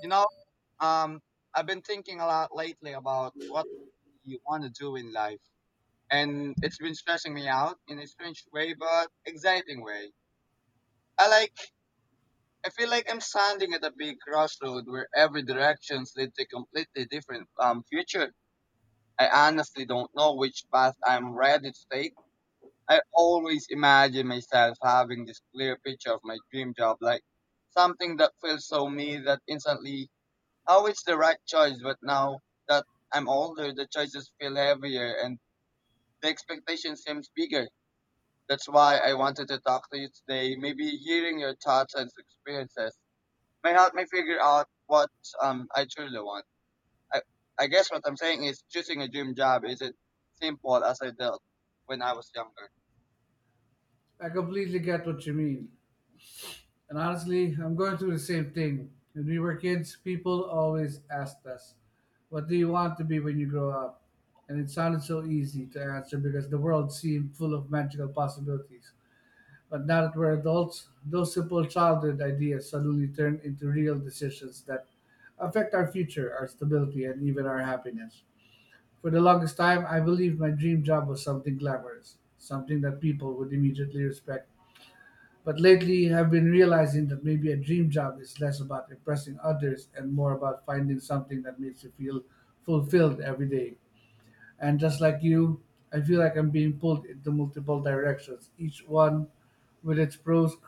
You know, um, I've been thinking a lot lately about what you want to do in life, and it's been stressing me out in a strange way, but exciting way. I like, I feel like I'm standing at a big crossroad where every directions lead to a completely different future. I honestly don't know which path I'm ready to take. I always imagine myself having this clear picture of my dream job, like something that feels so me that instantly always the right choice, but now that I'm older, the choices feel heavier and the expectation seems bigger. That's why I wanted to talk to you today. Maybe hearing your thoughts and experiences may help me figure out what I truly want. I I guess what I'm saying is choosing a dream job isn't simple as I felt when I was younger. I completely get what you mean. And honestly, I'm going through the same thing. When we were kids, people always asked us, "What do you want to be when you grow up?" And it sounded so easy to answer because the world seemed full of magical possibilities. But now that we're adults, those simple childhood ideas suddenly turn into real decisions that affect our future, our stability, and even our happiness. For the longest time, I believed my dream job was something glamorous, something that people would immediately respect, but lately, I've been realizing that maybe a dream job is less about impressing others and more about finding something that makes you feel fulfilled every day. And just like you, I feel like I'm being pulled into multiple directions, each one with its pros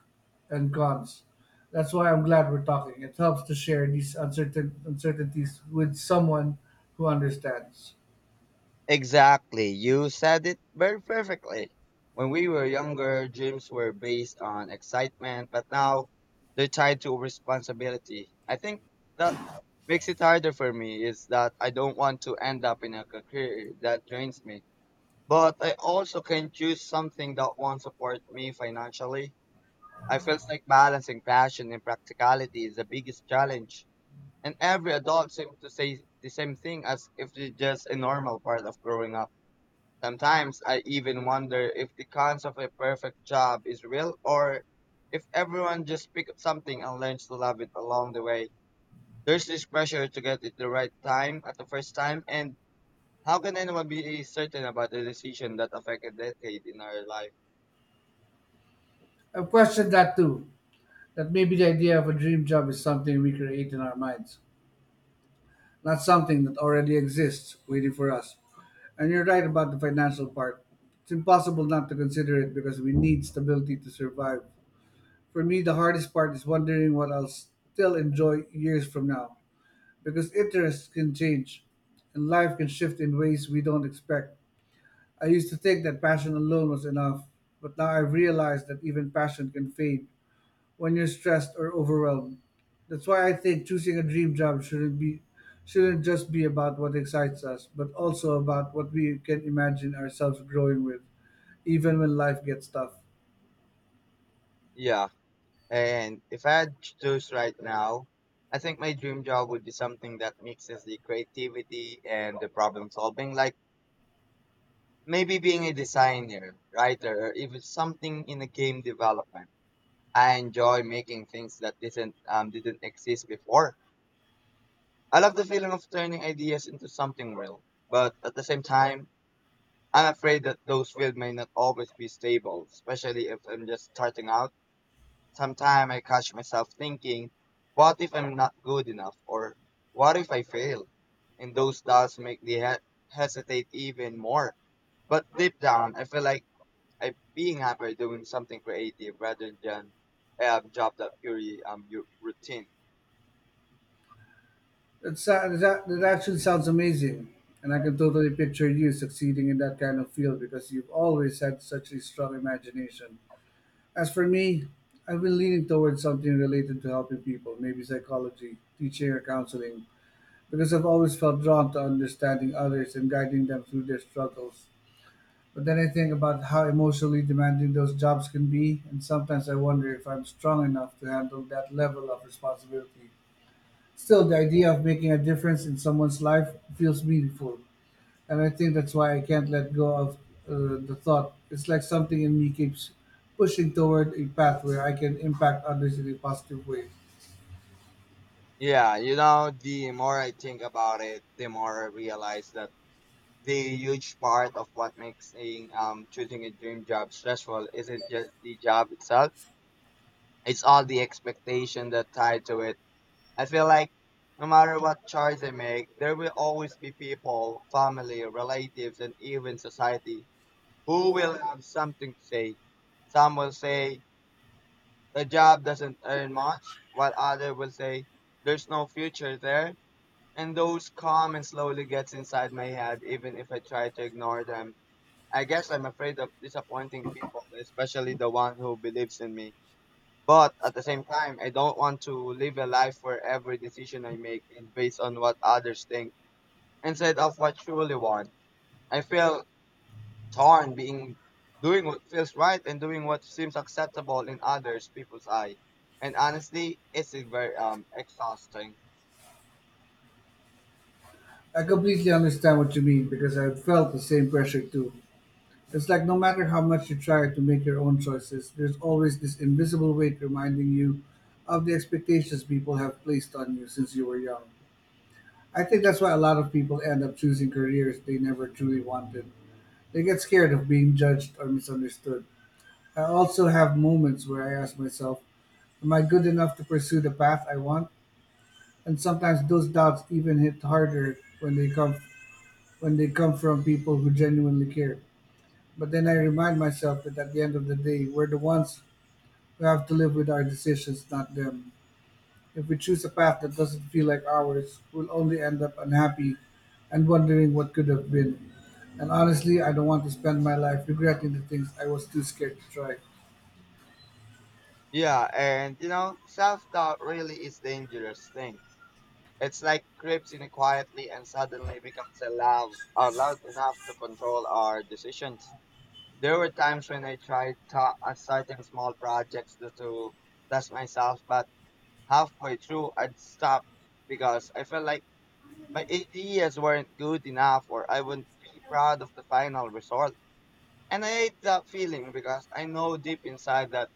and cons. That's why I'm glad we're talking. It helps to share these uncertainties with someone who understands. Exactly. You said it very perfectly. When we were younger, dreams were based on excitement, but now they're tied to responsibility. I think that makes it harder for me is that I don't want to end up in a career that drains me. But I also can choose something that won't support me financially. I feel like balancing passion and practicality is the biggest challenge. And every adult seems to say the same thing as if it's just a normal part of growing up. Sometimes I even wonder if the concept of a perfect job is real or if everyone just picks up something and learns to love it along the way. There's this pressure to get it the right time at the first time, and how can anyone be certain about a decision that affects a decade in our life? I've questioned that too, that maybe the idea of a dream job is something we create in our minds, not something that already exists waiting for us. And you're right about the financial part. It's impossible not to consider it because we need stability to survive. For me, the hardest part is wondering what I'll still enjoy years from now, because interests can change and life can shift in ways we don't expect. I used to think that passion alone was enough, but now I've realized that even passion can fade when you're stressed or overwhelmed. That's why I think choosing a dream job shouldn't be shouldn't just be about what excites us, but also about what we can imagine ourselves growing with, even when life gets tough. Yeah, and if I had to choose right now, I think my dream job would be something that mixes the creativity and the problem solving, like maybe being a designer, writer, or even something in a game development. I enjoy making things that didn't exist before. I love the feeling of turning ideas into something real, but at the same time, I'm afraid that those fields may not always be stable, especially if I'm just starting out. Sometimes I catch myself thinking, "What if I'm not good enough?" or "What if I fail?" And those doubts make me hesitate even more. But deep down, I feel like I being happy doing something creative rather than a job that purely your routine. That sa- that that actually sounds amazing, and I can totally picture you succeeding in that kind of field because you've always had such a strong imagination. As for me, I've been leaning towards something related to helping people, maybe psychology, teaching, or counseling, because I've always felt drawn to understanding others and guiding them through their struggles. But then I think about how emotionally demanding those jobs can be, and sometimes I wonder if I'm strong enough to handle that level of responsibility. Still, the idea of making a difference in someone's life feels meaningful, and I think that's why I can't let go of the thought. It's like something in me keeps pushing toward a path where I can impact others in a positive way. Yeah, you know, the more I think about it, the more I realize that the huge part of what makes choosing a dream job stressful isn't just the job itself; it's all the expectation that tied to it. I feel like no matter what choice I make, there will always be people, family, relatives, and even society who will have something to say. Some will say the job doesn't earn much, while others will say, there's no future there. And those come and slowly gets inside my head, even if I try to ignore them. I guess I'm afraid of disappointing people, especially the one who believes in me. But at the same time, I don't want to live a life where every decision I make is based on what others think instead of what I truly want. I feel torn being doing what feels right and doing what seems acceptable in others people's eye, and honestly it's a very exhausting. I completely understand what you mean because I've felt the same pressure too. It's like no matter how much you try to make your own choices, there's always this invisible weight reminding you of the expectations people have placed on you since you were young. I think that's why a lot of people end up choosing careers they never truly wanted. They get scared of being judged or misunderstood. I also have moments where I ask myself, "Am I good enough to pursue the path I want?" And sometimes those doubts even hit harder when they come from people who genuinely care. But then I remind myself that at the end of the day, we're the ones who have to live with our decisions, not them. If we choose a path that doesn't feel like ours, we'll only end up unhappy and wondering what could have been. And honestly, I don't want to spend my life regretting the things I was too scared to try. Yeah, and you know, self-doubt really is dangerous thing. It's like creeps in quietly and suddenly becomes a loud enough to control our decisions. There were times when I starting small projects to test myself, but halfway through I'd stop because I felt like my ideas weren't good enough or I wouldn't be proud of the final result. And I hate that feeling because I know deep inside that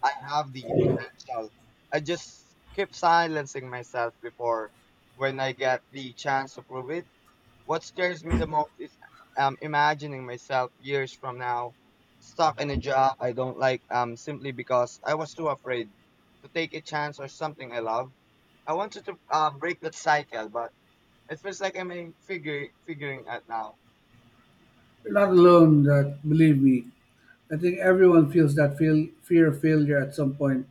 I have the potential. I just keep silencing myself before when I get the chance to prove it. What scares me the most is imagining myself years from now stuck in a job I don't like, simply because I was too afraid to take a chance or something I love. I wanted to break that cycle, but it feels like I'm in figure figuring out now. You're not alone, that believe me. I think everyone feels that fear of failure at some point.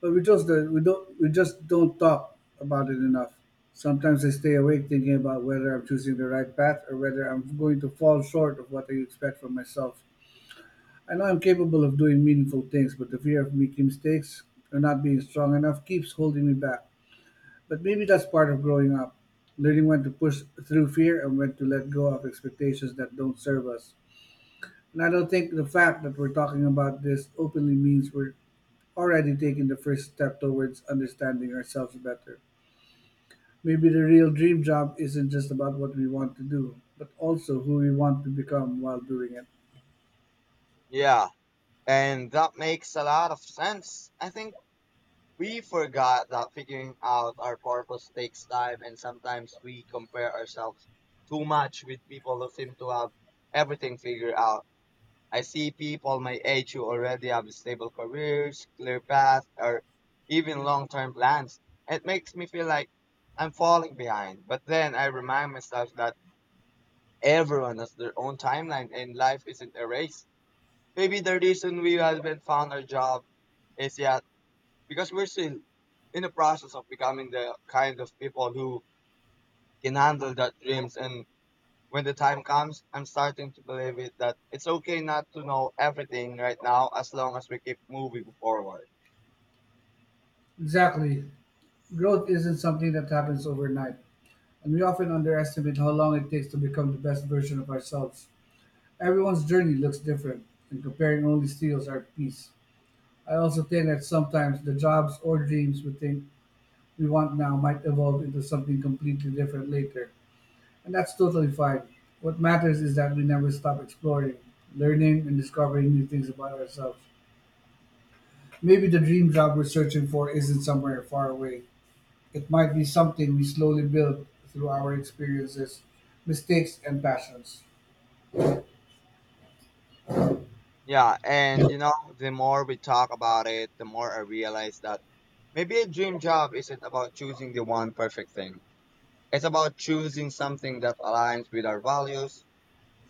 But we just do we don't we just don't talk about it enough. Sometimes I stay awake thinking about whether I'm choosing the right path or whether I'm going to fall short of what I expect from myself. I know I'm capable of doing meaningful things, but the fear of making mistakes or not being strong enough keeps holding me back. But maybe that's part of growing up, learning when to push through fear and when to let go of expectations that don't serve us. And I don't think the fact that we're talking about this openly means we're already taken the first step towards understanding ourselves better. Maybe the real dream job isn't just about what we want to do, but also who we want to become while doing it. Yeah, and that makes a lot of sense. I think we forgot that figuring out our purpose takes time, and sometimes we compare ourselves too much with people who seem to have everything figured out. I see people my age who already have stable careers, clear paths, or even long term plans. It makes me feel like I'm falling behind. But then I remind myself that everyone has their own timeline, and life isn't a race. Maybe the reason we haven't found our job is yet because we're still in the process of becoming the kind of people who can handle that dreams. And when the time comes, I'm starting to believe it that it's okay not to know everything right now as long as we keep moving forward. Exactly. Growth isn't something that happens overnight, and we often underestimate how long it takes to become the best version of ourselves. Everyone's journey looks different, and comparing only steals our peace. I also think that sometimes the jobs or dreams we think we want now might evolve into something completely different later, and that's totally fine. What matters is that we never stop exploring, learning, and discovering new things about ourselves. Maybe the dream job we're searching for isn't somewhere far away. It might be something we slowly build through our experiences, mistakes, and passions. Yeah, and you know, the more we talk about it, the more I realize that maybe a dream job isn't about choosing the one perfect thing. It's about choosing something that aligns with our values.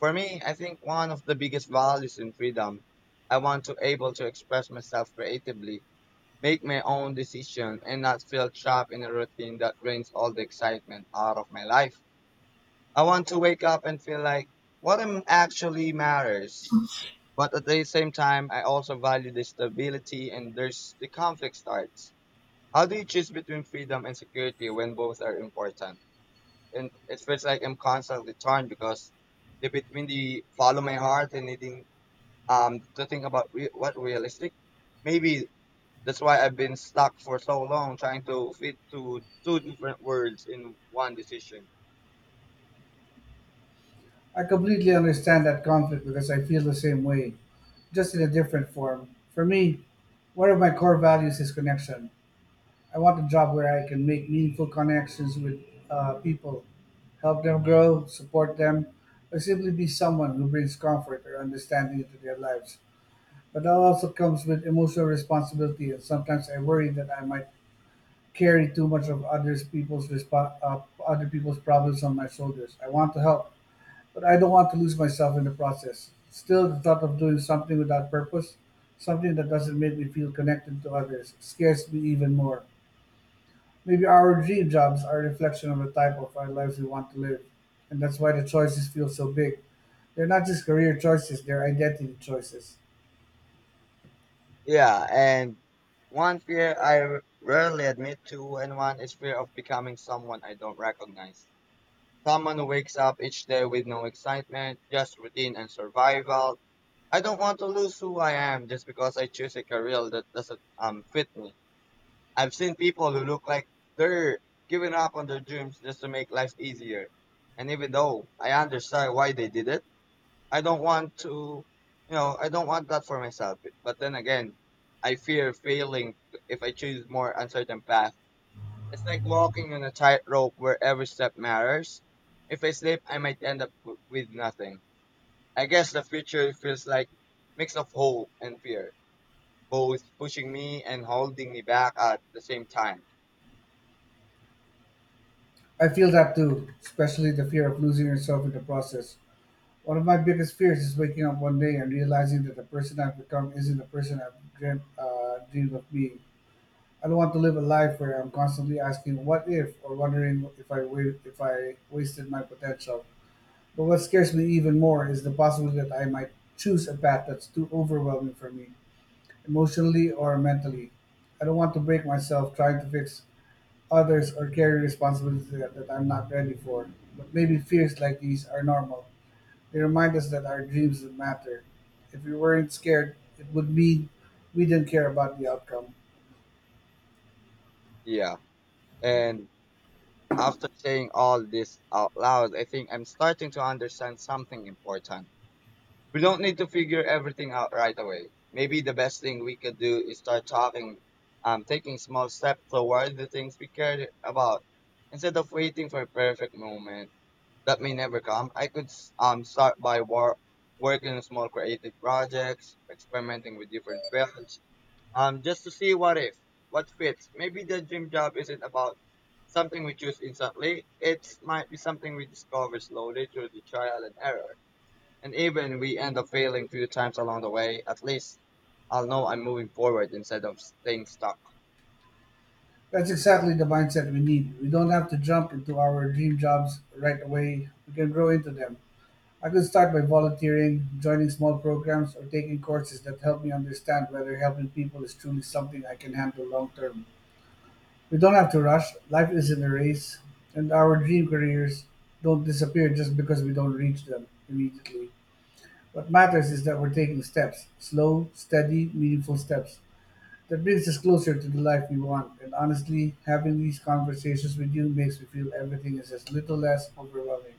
For me, I think one of the biggest values in freedom, I want to able to express myself creatively, make my own decision, and not feel trapped in a routine that drains all the excitement out of my life. I want to wake up and feel like what I'm actually matters. But at the same time, I also value the stability and there's the conflict starts. How do you choose between freedom and security when both are important? And it feels like I'm constantly torn because the between the follow my heart and needing to think about what realistic. Maybe that's why I've been stuck for so long trying to fit to two different words in one decision. I completely understand that conflict because I feel the same way, just in a different form. For me, one of my core values is connection. I want a job where I can make meaningful connections with people, help them grow, support them, or simply be someone who brings comfort or understanding into their lives. But that also comes with emotional responsibility, and sometimes I worry that I might carry too much of other people's problems on my shoulders. I want to help, but I don't want to lose myself in the process. Still, the thought of doing something without purpose, something that doesn't make me feel connected to others, scares me even more. Maybe our dream jobs are a reflection of the type of our lives we want to live, and that's why the choices feel so big. They're not just career choices, they're identity choices. Yeah, and one fear I rarely admit to, and one is fear of becoming someone I don't recognize. Someone who wakes up each day with no excitement, just routine and survival, I don't want to lose who I am just because I choose a career that doesn't fit me. I've seen people who look like they're giving up on their dreams just to make life easier. And even though I understand why they did it, I don't want to I don't want that for myself. But then again, I fear failing if I choose more uncertain path. It's like walking on a tightrope where every step matters. If I slip, I might end up with nothing. I guess the future feels like mix of hope and fear, both pushing me and holding me back at the same time. I feel that too, especially the fear of losing yourself in the process. One of my biggest fears is waking up one day and realizing that the person I've become isn't the person dreamed of being. I don't want to live a life where I'm constantly asking what if or wondering if I wasted my potential. But what scares me even more is the possibility that I might choose a path that's too overwhelming for me, emotionally or mentally. I don't want to break myself trying to fix others or carry responsibilities that I'm not ready for. But maybe fears like these are normal. They remind us that our dreams matter. If we weren't scared, it would mean we didn't care about the outcome. Yeah. And after saying all this out loud, I think I'm starting to understand something important. We don't need to figure everything out right away. Maybe the best thing we could do is start talking, taking small steps toward the things we care about instead of waiting for a perfect moment that may never come. I could start by working on small creative projects, experimenting with different fields, just to see what if, what fits. Maybe the dream job isn't about something we choose instantly. It might be something we discover slowly through the trial and error, and even we end up failing a few times along the way. At least I'll know I'm moving forward instead of staying stuck. That's exactly the mindset we need. We don't have to jump into our dream jobs right away. We can grow into them. I could start by volunteering, joining small programs, or taking courses that help me understand whether helping people is truly something I can handle long term. We don't have to rush, life isn't a race, and our dream careers don't disappear just because we don't reach them immediately. What matters is that we're taking steps, slow, steady, meaningful steps. That brings us closer to the life we want, and honestly, having these conversations with you makes me feel everything is as little less overwhelming.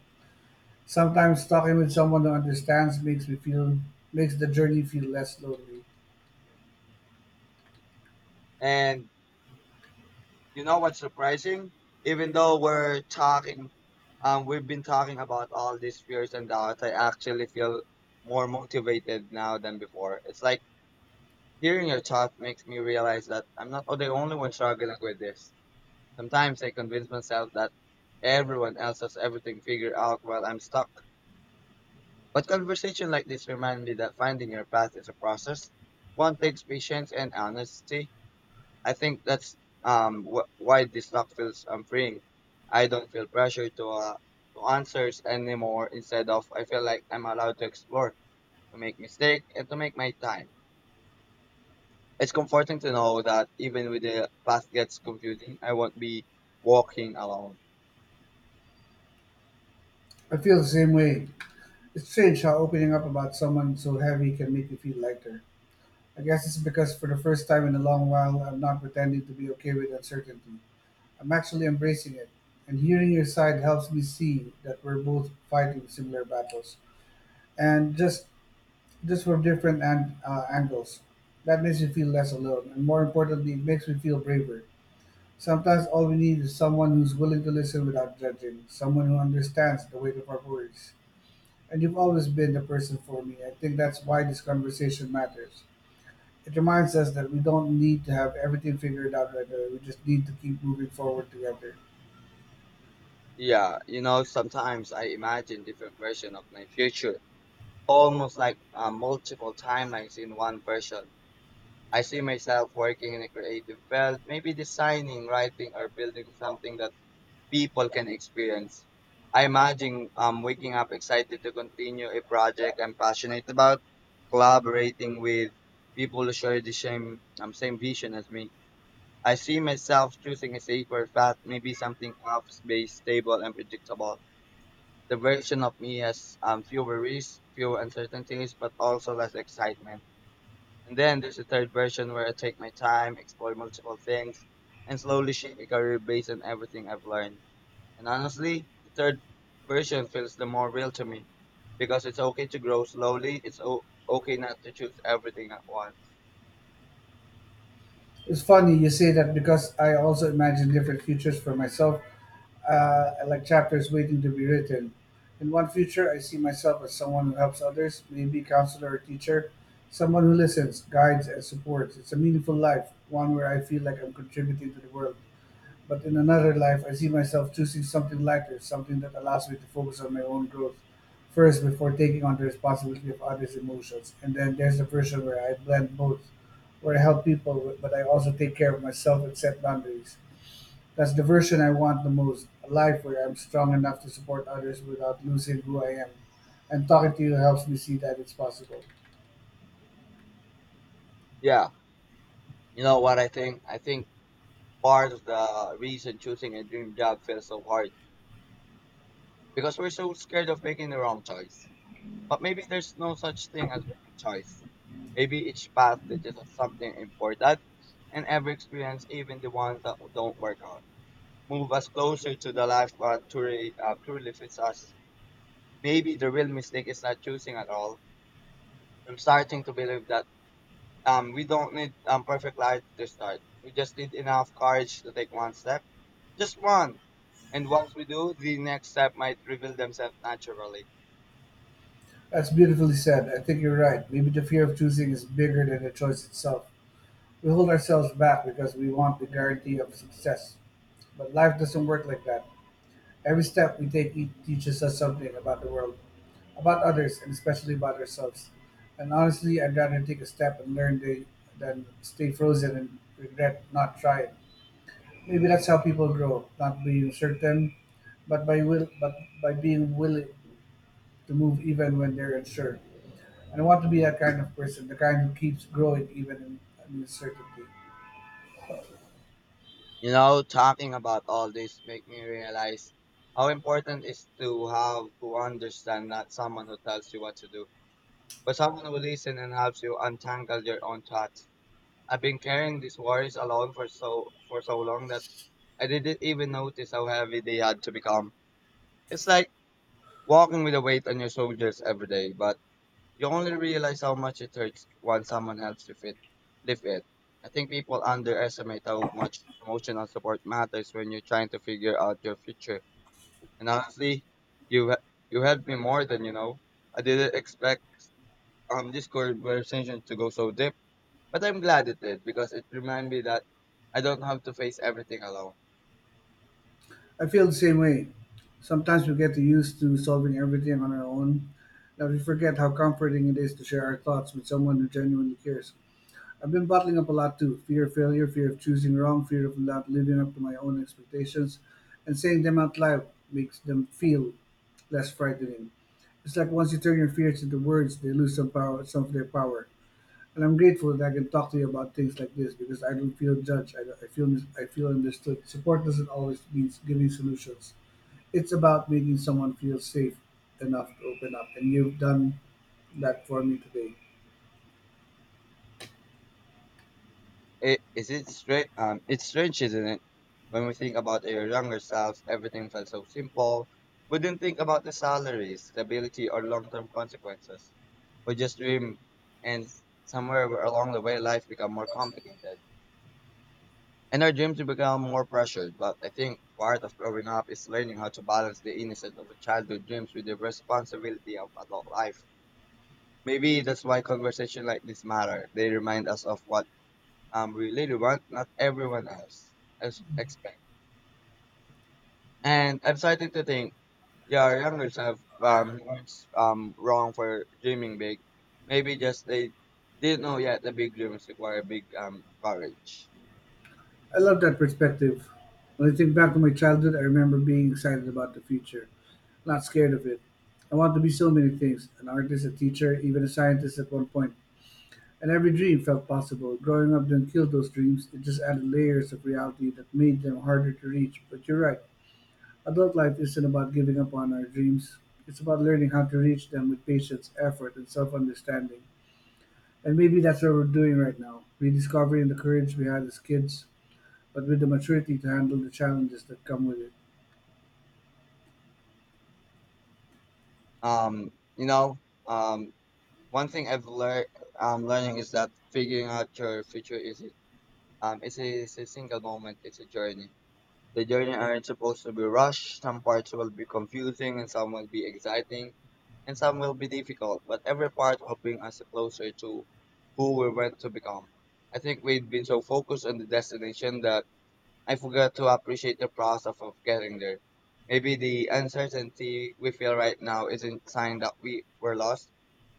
Sometimes talking with someone who understands makes the journey feel less lonely. And you know what's surprising? Even though we've been talking about all these fears and doubts, I actually feel more motivated now than before. It's like hearing your thoughts makes me realize that I'm not the only one struggling with this. Sometimes I convince myself that everyone else has everything figured out while I'm stuck. But conversation like this remind me that finding your path is a process. One takes patience and honesty. I think that's why this talk feels freeing. I don't feel pressure to answers anymore. Instead of I feel like I'm allowed to explore, to make mistake, and to make my time. It's comforting to know that even with the path gets confusing, I won't be walking alone. I feel the same way. It's strange how opening up about someone so heavy can make you feel lighter. I guess it's because for the first time in a long while, I'm not pretending to be okay with uncertainty. I'm actually embracing it. And hearing your side helps me see that we're both fighting similar battles. And just from angles. That makes me feel less alone. And more importantly, it makes me feel braver. Sometimes all we need is someone who's willing to listen without judging, someone who understands the weight of our worries. And you've always been the person for me. I think that's why this conversation matters. It reminds us that we don't need to have everything figured out right away. We just need to keep moving forward together. Yeah, you know, sometimes I imagine different version of my future, almost like multiple timelines in one version. I see myself working in a creative field, maybe designing, writing, or building something that people can experience. I imagine waking up excited to continue a project I'm passionate about, collaborating with people who share the same vision as me. I see myself choosing a safer path, maybe something office-based, stable, and predictable. The version of me has fewer risks, fewer uncertainties, but also less excitement. And then there's the third version where I take my time, explore multiple things, and slowly shape a career based on everything I've learned. And honestly, the third version feels the more real to me because it's okay to grow slowly. It's okay not to choose everything at once. It's funny you say that because I also imagine different futures for myself, like chapters waiting to be written. In one future, I see myself as someone who helps others, maybe counselor or teacher, someone who listens, guides, and supports. It's a meaningful life, one where I feel like I'm contributing to the world. But in another life, I see myself choosing something lighter, something that allows me to focus on my own growth first before taking on the responsibility of others' emotions. And then there's the version where I blend both, where I help people, but I also take care of myself and set boundaries. That's the version I want the most, a life where I'm strong enough to support others without losing who I am. And talking to you helps me see that it's possible. Yeah, you know what I think? I think part of the reason choosing a dream job feels so hard because we're so scared of making the wrong choice. But maybe there's no such thing as wrong choice. Maybe each path teaches us something important, and every experience, even the ones that don't work out, move us closer to the life that truly fits us. Maybe the real mistake is not choosing at all. I'm starting to believe that we don't need perfect life to start. We just need enough courage to take one step, just one. And once we do, the next step might reveal themselves naturally. That's beautifully said. I think you're right. Maybe the fear of choosing is bigger than the choice itself. We hold ourselves back because we want the guarantee of success. But life doesn't work like that. Every step we take teaches us something about the world, about others, and especially about ourselves. And honestly, I'd rather take a step and learn the, than stay frozen and regret not trying. Maybe that's how people grow, not being certain, but by being willing to move even when they're unsure. And I want to be that kind of person, the kind who keeps growing even in uncertainty. You know, talking about all this make me realize how important it is to have to understand not someone who tells you what to do, but someone who listens and helps you untangle your own thoughts. I've been carrying these worries alone for so long that I didn't even notice how heavy they had to become. It's like walking with a weight on your shoulders every day, but you only realize how much it hurts when someone helps you fit, live it. I think people underestimate how much emotional support matters when you're trying to figure out your future. And honestly, you he- you helped me more than you know. I didn't expect this conversation to go so deep, but I'm glad it did because it reminded me that I don't have to face everything alone. I feel the same way. Sometimes we get used to solving everything on our own that we forget how comforting it is to share our thoughts with someone who genuinely cares. I've been bottling up a lot too: fear of failure, fear of choosing wrong, fear of not living up to my own expectations, and saying them out loud makes them feel less frightening. It's like once you turn your fears into words, they lose some power, some of their power. And I'm grateful that I can talk to you about things like this because I don't feel judged. I feel I feel understood. Support doesn't always mean giving solutions, it's about making someone feel safe enough to open up, and you've done that for me today. It, is it strange? It's strange, isn't it? When we think about our younger selves, everything felt so simple. We didn't think about the salaries, stability, or long-term consequences. We just dream, and somewhere where along the way, life become more complicated, and our dreams become more pressured. But I think part of growing up is learning how to balance the innocence of childhood dreams with the responsibility of adult life. Maybe that's why conversations like this matter. They remind us of what we really want, not everyone else as expect. And I'm starting to think your younger self was wrong for dreaming big. Maybe just they didn't know yet the big dreams require big courage. I love that perspective. When I think back to my childhood, I remember being excited about the future, not scared of it. I want to be so many things: an artist, a teacher, even a scientist at one point. And every dream felt possible. Growing up didn't kill those dreams, it just added layers of reality that made them harder to reach. But you're right, adult life isn't about giving up on our dreams, it's about learning how to reach them with patience, effort, and self-understanding. And maybe that's what we're doing right now, rediscovering the courage we had as kids, but with the maturity to handle the challenges that come with it. Um, you know, um, one thing I've learned learning is that figuring out your future is it it's a single moment, it's a journey. The journey aren't supposed to be rushed. Some parts will be confusing and some will be exciting and some will be difficult, but every part will bring us closer to who we're meant to become. I think we've been so focused on the destination that I forgot to appreciate the process of getting there. Maybe the uncertainty we feel right now isn't a sign that we were lost.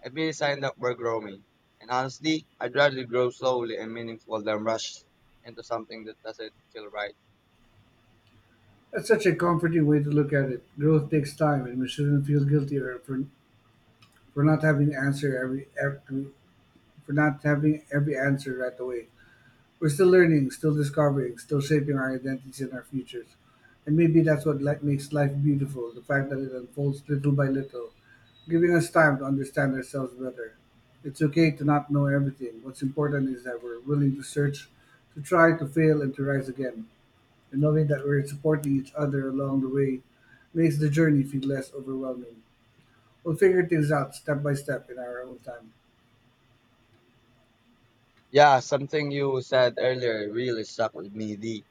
It may be a sign that we're growing. And honestly, I'd rather grow slowly and meaningful than rush into something that doesn't feel right. That's such a comforting way to look at it. Growth takes time, and we shouldn't feel guilty or for not having answer every for not having every answer right away. We're still learning, still discovering, still shaping our identities and our futures. And maybe that's what makes life beautiful, the fact that it unfolds little by little, giving us time to understand ourselves better. It's okay to not know everything. What's important is that we're willing to search, to try, to fail, and to rise again. And knowing that we're supporting each other along the way makes the journey feel less overwhelming. We'll figure things out step by step in our own time. Yeah, something you said earlier really stuck with me. The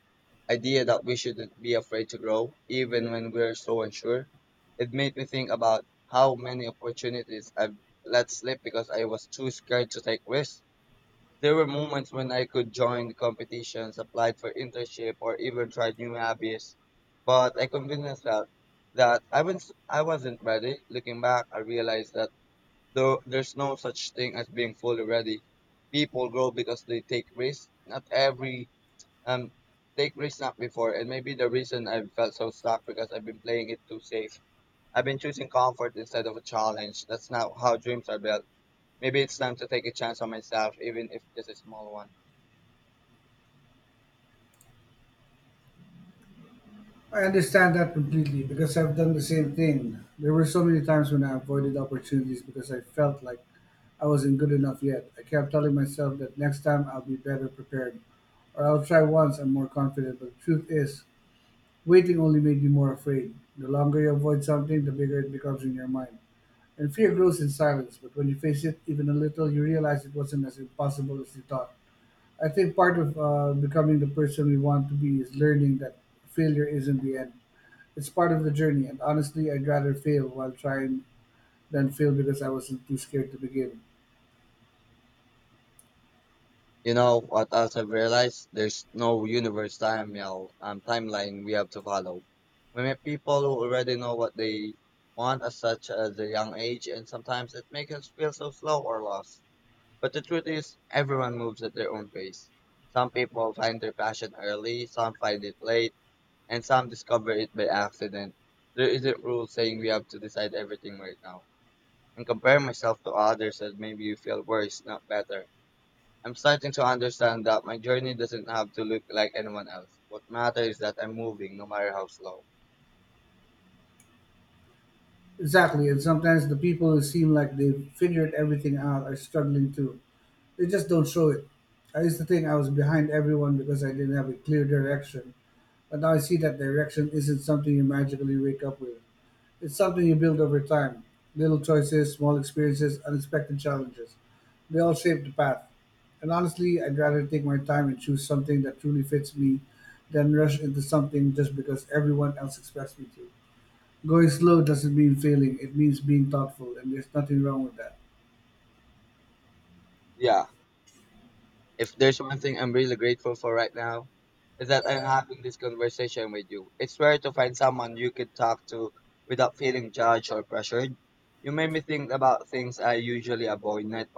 idea that we shouldn't be afraid to grow, even when we're so unsure. It made me think about how many opportunities I've let slip because I was too scared to take risks. There were moments when I could join the competitions, applied for internship, or even tried new hobbies, but I convinced myself that I wasn't ready. Looking back, I realized that though there's no such thing as being fully ready. People grow because they take risks. Not every um take risks not before, and maybe the reason I've felt so stuck because I've been playing it too safe. I've been choosing comfort instead of a challenge. That's not how dreams are built. Maybe it's time to take a chance on myself, even if just a small one. I understand that completely because I've done the same thing. There were so many times when I avoided opportunities because I felt like I wasn't good enough yet. I kept telling myself that next time I'll be better prepared or I'll try once I'm more confident. But the truth is, waiting only made me more afraid. The longer you avoid something, the bigger it becomes in your mind. And fear grows in silence, but when you face it even a little, you realize it wasn't as impossible as you thought. I think part of becoming the person we want to be is learning that failure isn't the end. It's part of the journey, and honestly, I'd rather fail while trying than fail because I wasn't too scared to begin. You know what else I've realized? There's no universe time, timeline we have to follow. We meet people who already know what they want at such a young age, and sometimes it makes us feel so slow or lost. But the truth is, everyone moves at their own pace. Some people find their passion early, some find it late, and some discover it by accident. There isn't rule saying we have to decide everything right now. And compare myself to others as maybe you feel worse, not better. I'm starting to understand that my journey doesn't have to look like anyone else. What matters is that I'm moving, no matter how slow. Exactly, and sometimes the people who seem like they've figured everything out are struggling too. They just don't show it. I used to think I was behind everyone because I didn't have a clear direction, but now I see that direction isn't something you magically wake up with. It's something you build over time. Little choices, small experiences, unexpected challenges. They all shape the path. And honestly, I'd rather take my time and choose something that truly fits me than rush into something just because everyone else expects me to. Going slow doesn't mean failing, it means being thoughtful, and there's nothing wrong with that. Yeah. If there's one thing I'm really grateful for right now, is that I'm having this conversation with you. It's rare to find someone you could talk to without feeling judged or pressured. You made me think about things I usually avoid, not,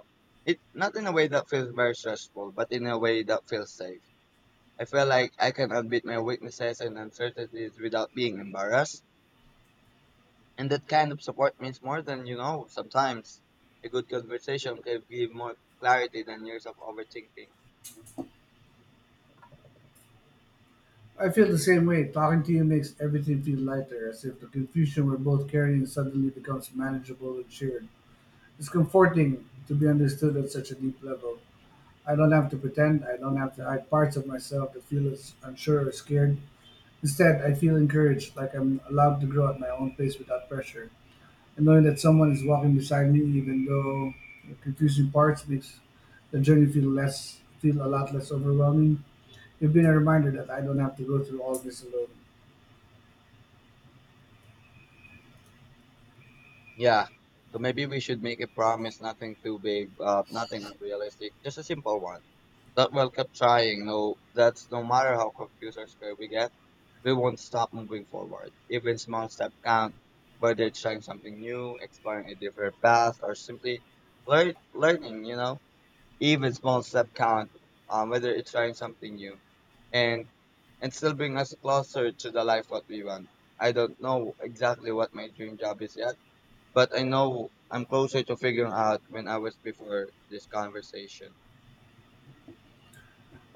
it, not in a way that feels very stressful, but in a way that feels safe. I feel like I can admit my weaknesses and uncertainties without being embarrassed. And that kind of support means more than you know. Sometimes a good conversation can give more clarity than years of overthinking. I feel the same way. Talking to you makes everything feel lighter, as if the confusion we're both carrying suddenly becomes manageable and shared. It's comforting to be understood at such a deep level. I don't have to pretend. I don't have to hide parts of myself that feel as unsure or scared. Instead, I feel encouraged, like I'm allowed to grow at my own pace without pressure. And knowing that someone is walking beside me, even though the confusing parts, makes the journey feel a lot less overwhelming. It's been a reminder that I don't have to go through all this alone. Yeah. So maybe we should make a promise, nothing too big, nothing unrealistic, just a simple one. That we'll keep trying. No, that's no matter how confused or scared we get, we won't stop moving forward. Even small steps count, whether it's trying something new, exploring a different path, or simply learning. You know. Even small step count, whether it's trying something new, and still bring us closer to the life what we want. I don't know exactly what my dream job is yet, but I know I'm closer to figuring out when I was before this conversation.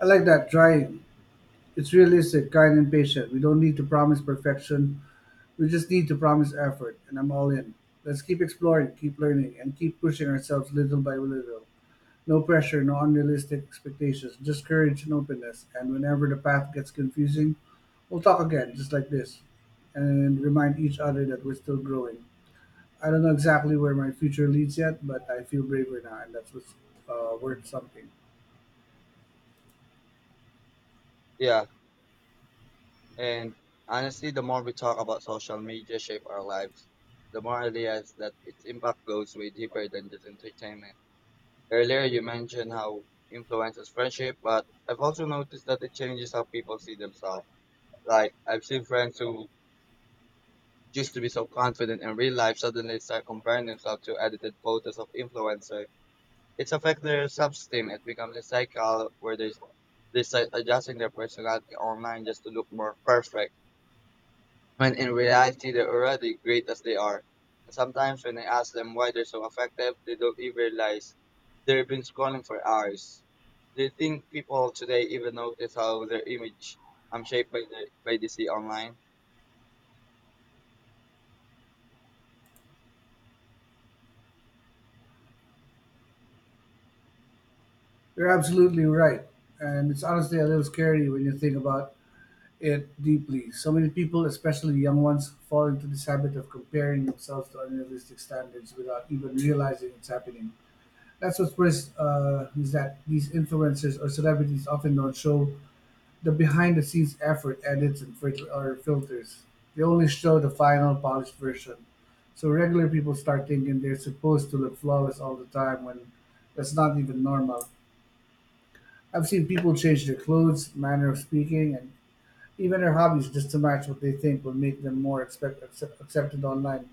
I like that: trying. It's realistic, kind, and patient. We don't need to promise perfection. We just need to promise effort, and I'm all in. Let's keep exploring, keep learning, and keep pushing ourselves little by little. No pressure, no unrealistic expectations, just courage and openness. And whenever the path gets confusing, we'll talk again, just like this, and remind each other that we're still growing. I don't know exactly where my future leads yet, but I feel braver now, and that's what's worth something. Yeah, and honestly, the more we talk about social media shape our lives, the more I realize that its impact goes way deeper than just entertainment. Earlier, you mentioned how influences friendship, but I've also noticed that it changes how people see themselves. Like I've seen friends who used to be so confident in real life suddenly start comparing themselves to edited photos of influencers. It's affect their self-esteem. It becomes a cycle where they start adjusting their personality online just to look more perfect, when in reality they're already great as they are. And sometimes when I ask them why they're so effective, they don't even realize they've been scrolling for hours. Do you think people today even notice how their image shaped by the by they see online? You're absolutely right, and it's honestly a little scary when you think about it deeply. So many people, especially young ones, fall into this habit of comparing themselves to unrealistic standards without even realizing it's happening. That's what's worse, is that these influencers or celebrities often don't show the behind the scenes effort, edits, and or filters. They only show the final polished version. So regular people start thinking they're supposed to look flawless all the time when that's not even normal. I've seen people change their clothes, manner of speaking, and even their hobbies just to match what they think will make them more accepted online.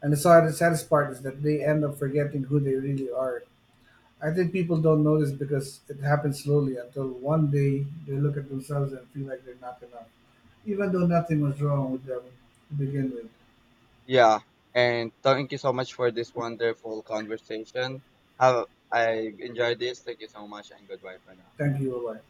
And the saddest part is that they end up forgetting who they really are. I think people don't notice because it happens slowly until one day they look at themselves and feel like they're not enough, even though nothing was wrong with them to begin with. Yeah, and thank you so much for this wonderful conversation. Have I enjoyed this. Thank you so much, and goodbye for now. Thank you, bye.